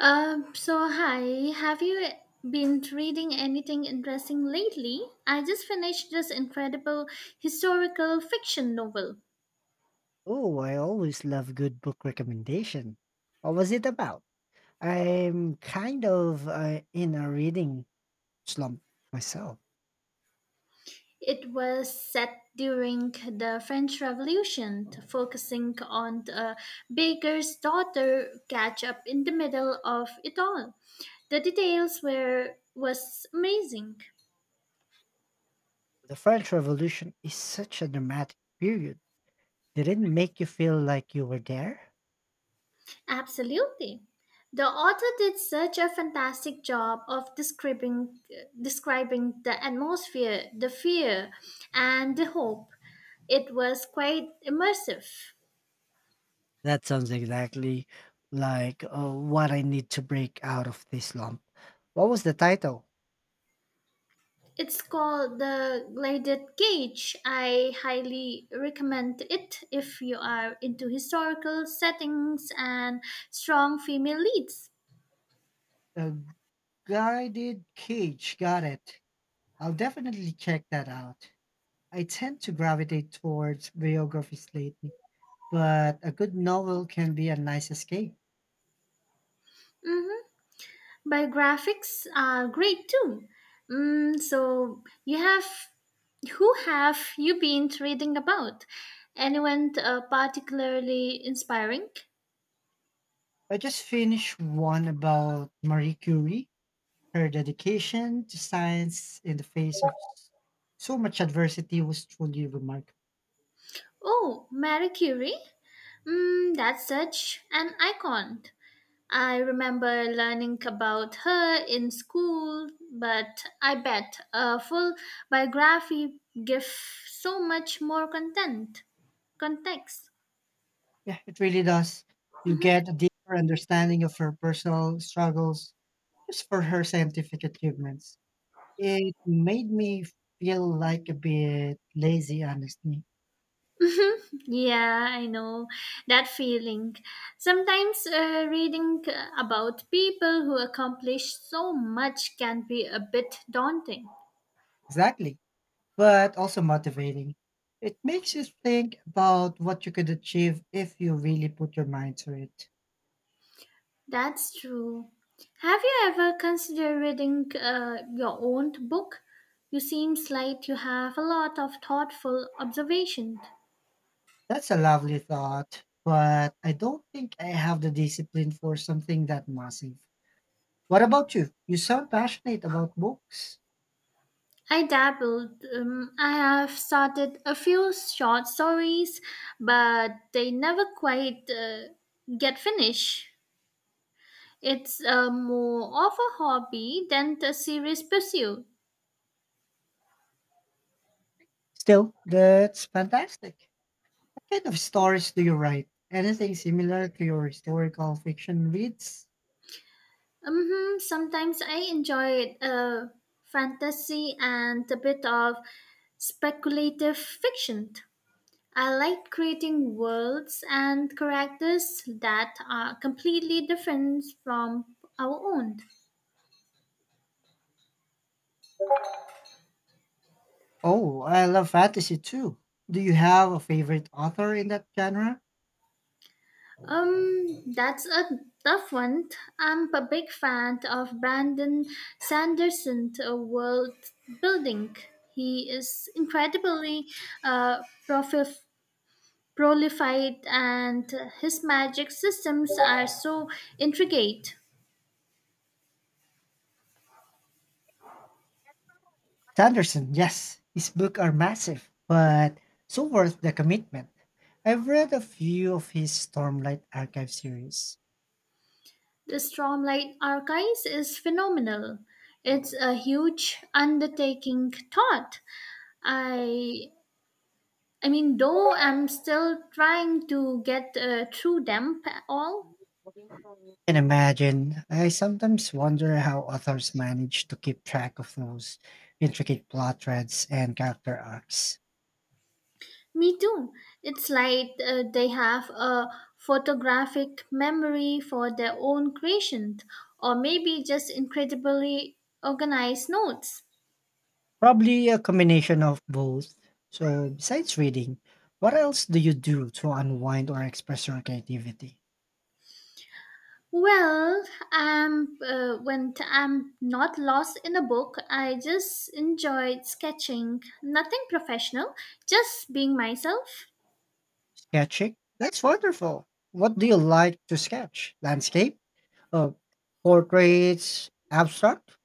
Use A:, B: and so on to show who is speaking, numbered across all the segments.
A: So hi, have you been reading anything interesting lately? I just finished this incredible historical fiction novel.
B: Oh, I always love good book recommendation. What was it about? I'm kind of in a reading slump myself.
A: It was set during the French Revolution, focusing on the baker's daughter catch up in the middle of it all. The details were was amazing.
B: The French Revolution is such a dramatic period. Did it make you feel like you were there?
A: Absolutely. The author did such a fantastic job of describing the atmosphere, the fear, and the hope. It was quite immersive.
B: That sounds exactly like what I need to break out of this slump. What was the title?
A: It's called The Gilded Cage. I highly recommend it if you are into historical settings and strong female leads.
B: A Guided Cage. Got it. I'll definitely check that out. I tend to gravitate towards biographies lately but a good novel can be a nice escape.
A: Mm-hmm. Biographics are great too. Mm, so you have Who have you been reading about? Anyone particularly inspiring?
B: I just finished one about Marie Curie, her dedication to science in the face of so much adversity was truly remarkable.
A: Oh, Marie Curie? Mm, that's such an icon. I remember learning about her in school, but I bet a full biography gives so much more context.
B: Yeah, it really does. You get a deeper understanding of her personal struggles just for her scientific achievements. It made me feel like a bit lazy, honestly.
A: Yeah, I know that feeling. Sometimes reading about people who accomplish so much can be a bit daunting.
B: Exactly, but also motivating. It makes you think about what you could achieve if you really put your mind to it.
A: That's true. Have you ever considered reading your own book? You seem like you have a lot of thoughtful observations.
B: That's a lovely thought, but I don't think I have the discipline for something that massive. What about you? You sound passionate about books.
A: I dabbled. I have started a few short stories, but they never quite get finished. It's more of a hobby than a serious pursuit.
B: Still, that's fantastic. What kind of stories do you write? Anything similar to your historical fiction reads?
A: Sometimes I enjoy fantasy and a bit of speculative fiction. I like creating worlds and characters that are completely different from our own.
B: Oh, I love fantasy too. Do you have a favorite author in that genre?
A: That's a tough one. I'm a big fan of Brandon Sanderson's world building. He is incredibly uh, profif- prolific, and his magic systems are so intricate.
B: Sanderson, yes, his books are massive, but so worth the commitment. I've read a few of his Stormlight Archive series.
A: The Stormlight Archives is phenomenal. It's a huge undertaking. I. though I'm still trying to get through them all.
B: Can imagine. I sometimes wonder how authors manage to keep track of those intricate plot threads and character arcs.
A: Me too. It's like they have a photographic memory for their own creations, or maybe just incredibly organized notes.
B: Probably a combination of both. So, besides reading, what else do you do to unwind or express your creativity?
A: Well, when I'm not lost in a book, I just enjoyed sketching. Nothing professional, just being myself.
B: Sketching? That's wonderful. What do you like to sketch? Landscape? Oh, portraits, abstract?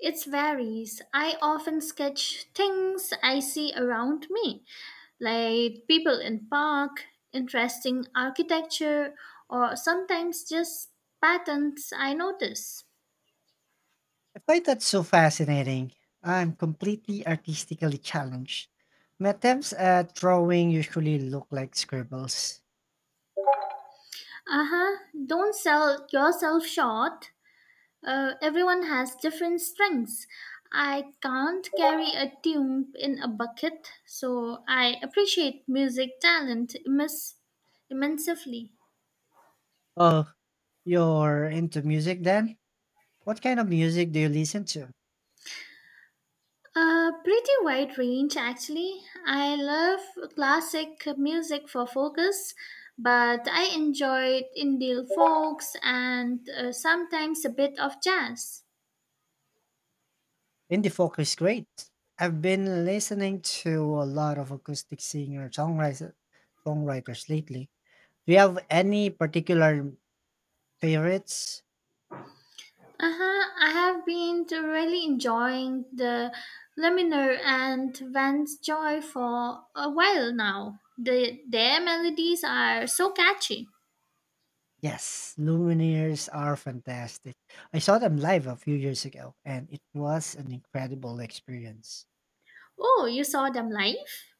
A: It varies. I often sketch things I see around me, like people in park, interesting architecture, or sometimes just patterns I notice.
B: I find that so fascinating. I'm completely artistically challenged. My attempts at drawing usually look like scribbles.
A: Uh-huh. Don't sell yourself short. Everyone has different strengths. I can't carry a tune in a bucket, so I appreciate music talent immensely.
B: Oh, you're into music then? What kind of music do you listen to?
A: A pretty wide range, actually. I love classic music for focus, but I enjoyed Indian folks and sometimes a bit of jazz.
B: Indie folk is great. I've been listening to a lot of acoustic singer songwriters lately. Do you have any particular favorites?
A: Uh huh. I have been to really enjoying the Luminar and Vance Joy for a while now. Their melodies are so catchy.
B: Yes, Lumineers are fantastic. I saw them live a few years ago and it was an incredible experience.
A: Oh, you saw them live?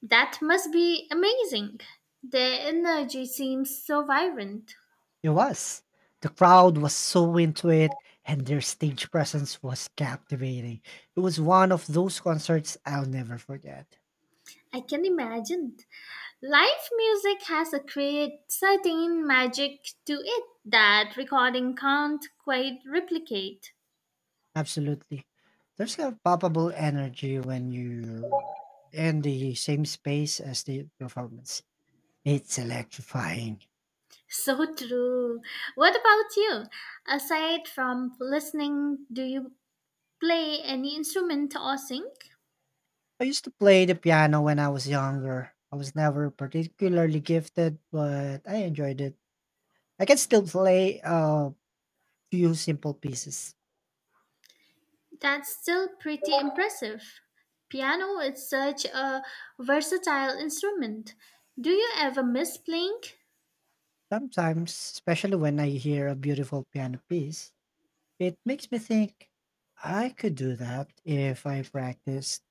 A: That must be amazing. Their energy seems so vibrant.
B: It was. The crowd was so into it and their stage presence was captivating. It was one of those concerts I'll never forget.
A: I can imagine. Live music has a create certain magic to it that recording can't quite replicate.
B: Absolutely. There's a palpable energy when you're in the same space as the performance. It's electrifying.
A: So true. What about you? Aside from listening, do you play any instrument or sing?
B: I used to play the piano when I was younger. I was never particularly gifted, but I enjoyed it. I can still play a few simple pieces.
A: That's still pretty impressive. Piano is such a versatile instrument. Do you ever miss playing?
B: Sometimes, especially when I hear a beautiful piano piece, it makes me think I could do that if I practiced.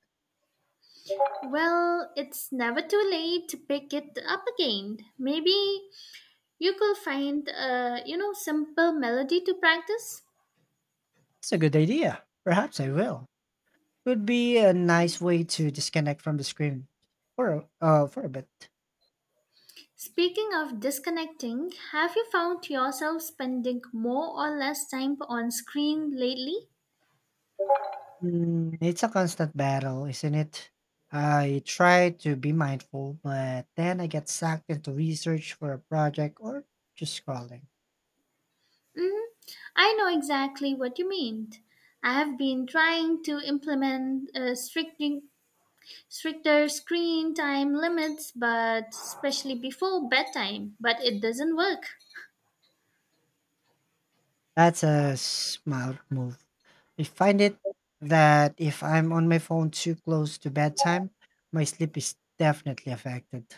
A: Well, it's never too late to pick it up again. Maybe you could find a simple melody to practice.
B: It's a good idea. Perhaps I will. Would be a nice way to disconnect from the screen for for a bit.
A: Speaking of disconnecting, have you found yourself spending more or less time on screen lately?
B: Mm, it's a constant battle, isn't it? I try to be mindful, but then I get sucked into research for a project or just scrolling.
A: hmm I know exactly what you mean. I have been trying to implement stricter screen time limits, but especially before bedtime, but it doesn't work.
B: That's a smart move. I find it that if I'm on my phone too close to bedtime, my sleep is definitely affected.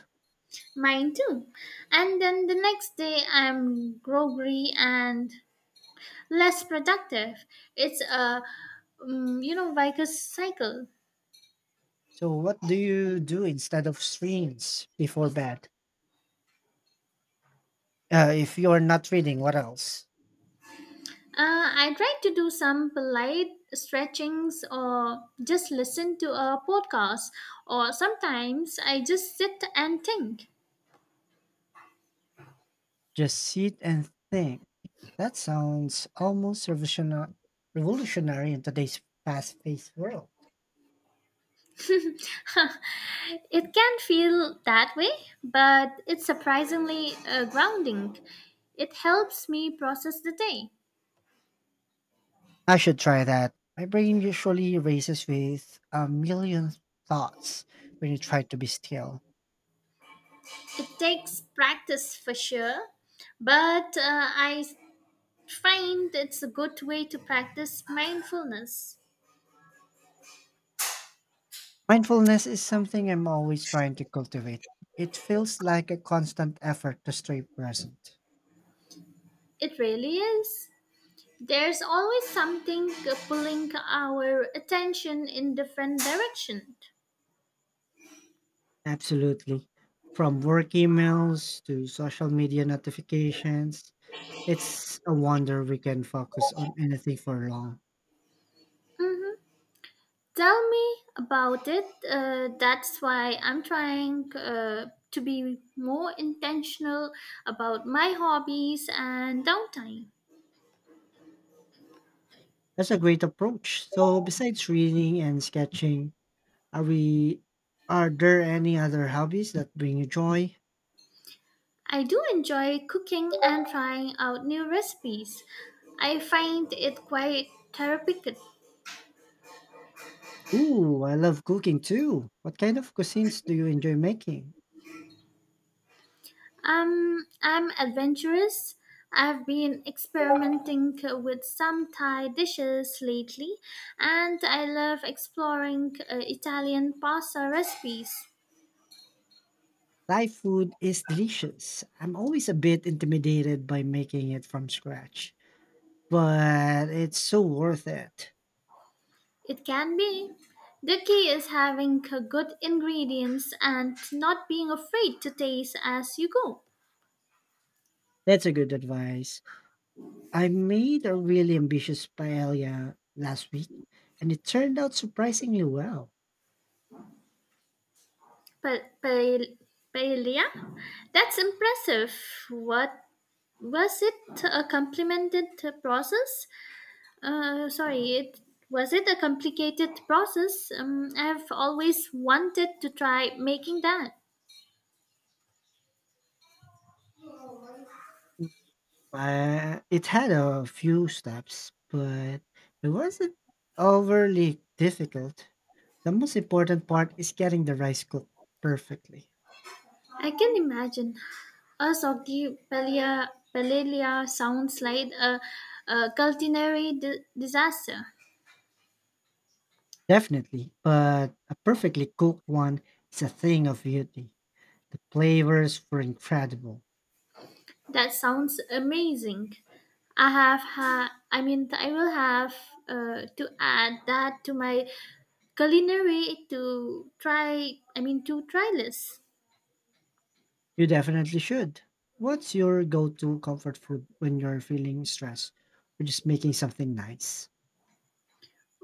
A: Mine too. And then the next day, I'm groggy and less productive. It's a vicious cycle.
B: So, what do you do instead of screens before bed? If you're not reading, what else?
A: I try to do some polite stretchings or just listen to a podcast, or sometimes I just sit and think.
B: Just sit and think. That sounds almost revolutionary in today's fast-paced world.
A: It can feel that way, but it's surprisingly grounding. It helps me process the day.
B: I should try that. My brain usually races with a million thoughts when you try to be still.
A: It takes practice for sure, but I find it's a good way to practice mindfulness.
B: Mindfulness is something I'm always trying to cultivate. It feels like a constant effort to stay present.
A: It really is. There's always something pulling our attention in different directions.
B: Absolutely. From work emails to social media notifications, it's a wonder we can focus on anything for long.
A: hmm Tell me about it. That's why I'm trying to be more intentional about my hobbies and downtime.
B: That's a great approach. So besides reading and sketching, are we are there any other hobbies that bring you joy?
A: I do enjoy cooking and trying out new recipes. I find it quite therapeutic.
B: Ooh, I love cooking too. What kind of cuisines do you enjoy making?
A: I'm adventurous. I've been experimenting with some Thai dishes lately, and I love exploring Italian pasta recipes.
B: Thai food is delicious. I'm always a bit intimidated by making it from scratch, but it's so worth it.
A: It can be. The key is having good ingredients and not being afraid to taste as you go.
B: That's a good advice. I made a really ambitious paella last week, and it turned out surprisingly well.
A: Pa- pael- Paella? That's impressive. What was it? A complimented process? Sorry, it Was it a complicated process? I've always wanted to try making that.
B: Mm, it had a few steps, but it wasn't overly difficult. The most important part is getting the rice cooked perfectly.
A: I can imagine. Asogi Palia Palelia sounds like a culinary disaster.
B: Definitely, but a perfectly cooked one is a thing of beauty. The flavors were incredible.
A: That sounds amazing. I have ha- I mean, I will have to add that to my culinary to try. I mean, to try list.
B: You definitely should. What's your go to comfort food when you're feeling stressed or just making something nice?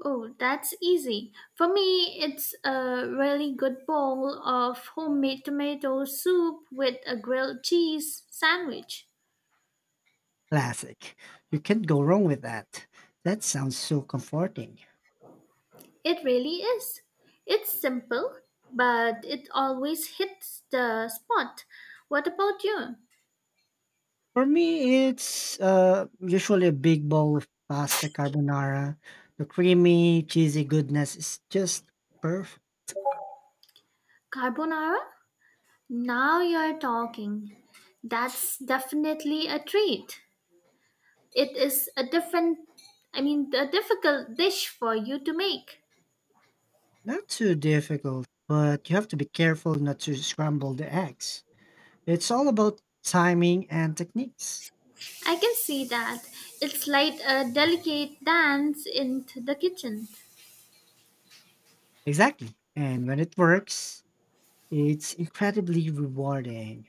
A: Oh, that's easy. For me, it's a really good bowl of homemade tomato soup with a grilled cheese sandwich.
B: Classic. You can't go wrong with that. That sounds so comforting.
A: It really is. It's simple, but it always hits the spot. What about you?
B: For me, it's usually a big bowl of pasta carbonara. The creamy, cheesy goodness is just perfect.
A: Carbonara? Now you're talking. That's definitely a treat. It is a different, I mean, a difficult dish for you to make.
B: Not too difficult, but you have to be careful not to scramble the eggs. It's all about timing and techniques.
A: I can see that. It's like a delicate dance in the kitchen.
B: Exactly. And when it works, it's incredibly rewarding.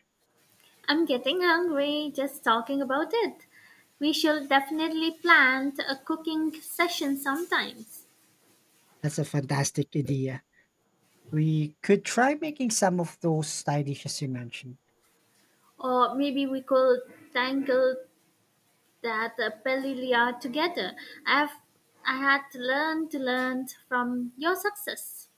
A: I'm getting hungry just talking about it. We should definitely plan a cooking session sometimes.
B: That's a fantastic idea. We could try making some of those Thai dishes you mentioned.
A: Or maybe we could tangle that paella together. I've I had to learn from your success.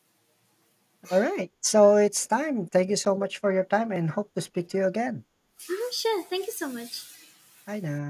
B: All right. So it's time. Thank you so much for your time and hope to speak to you again.
A: Mhm, sure, thank you so much.
B: Bye now.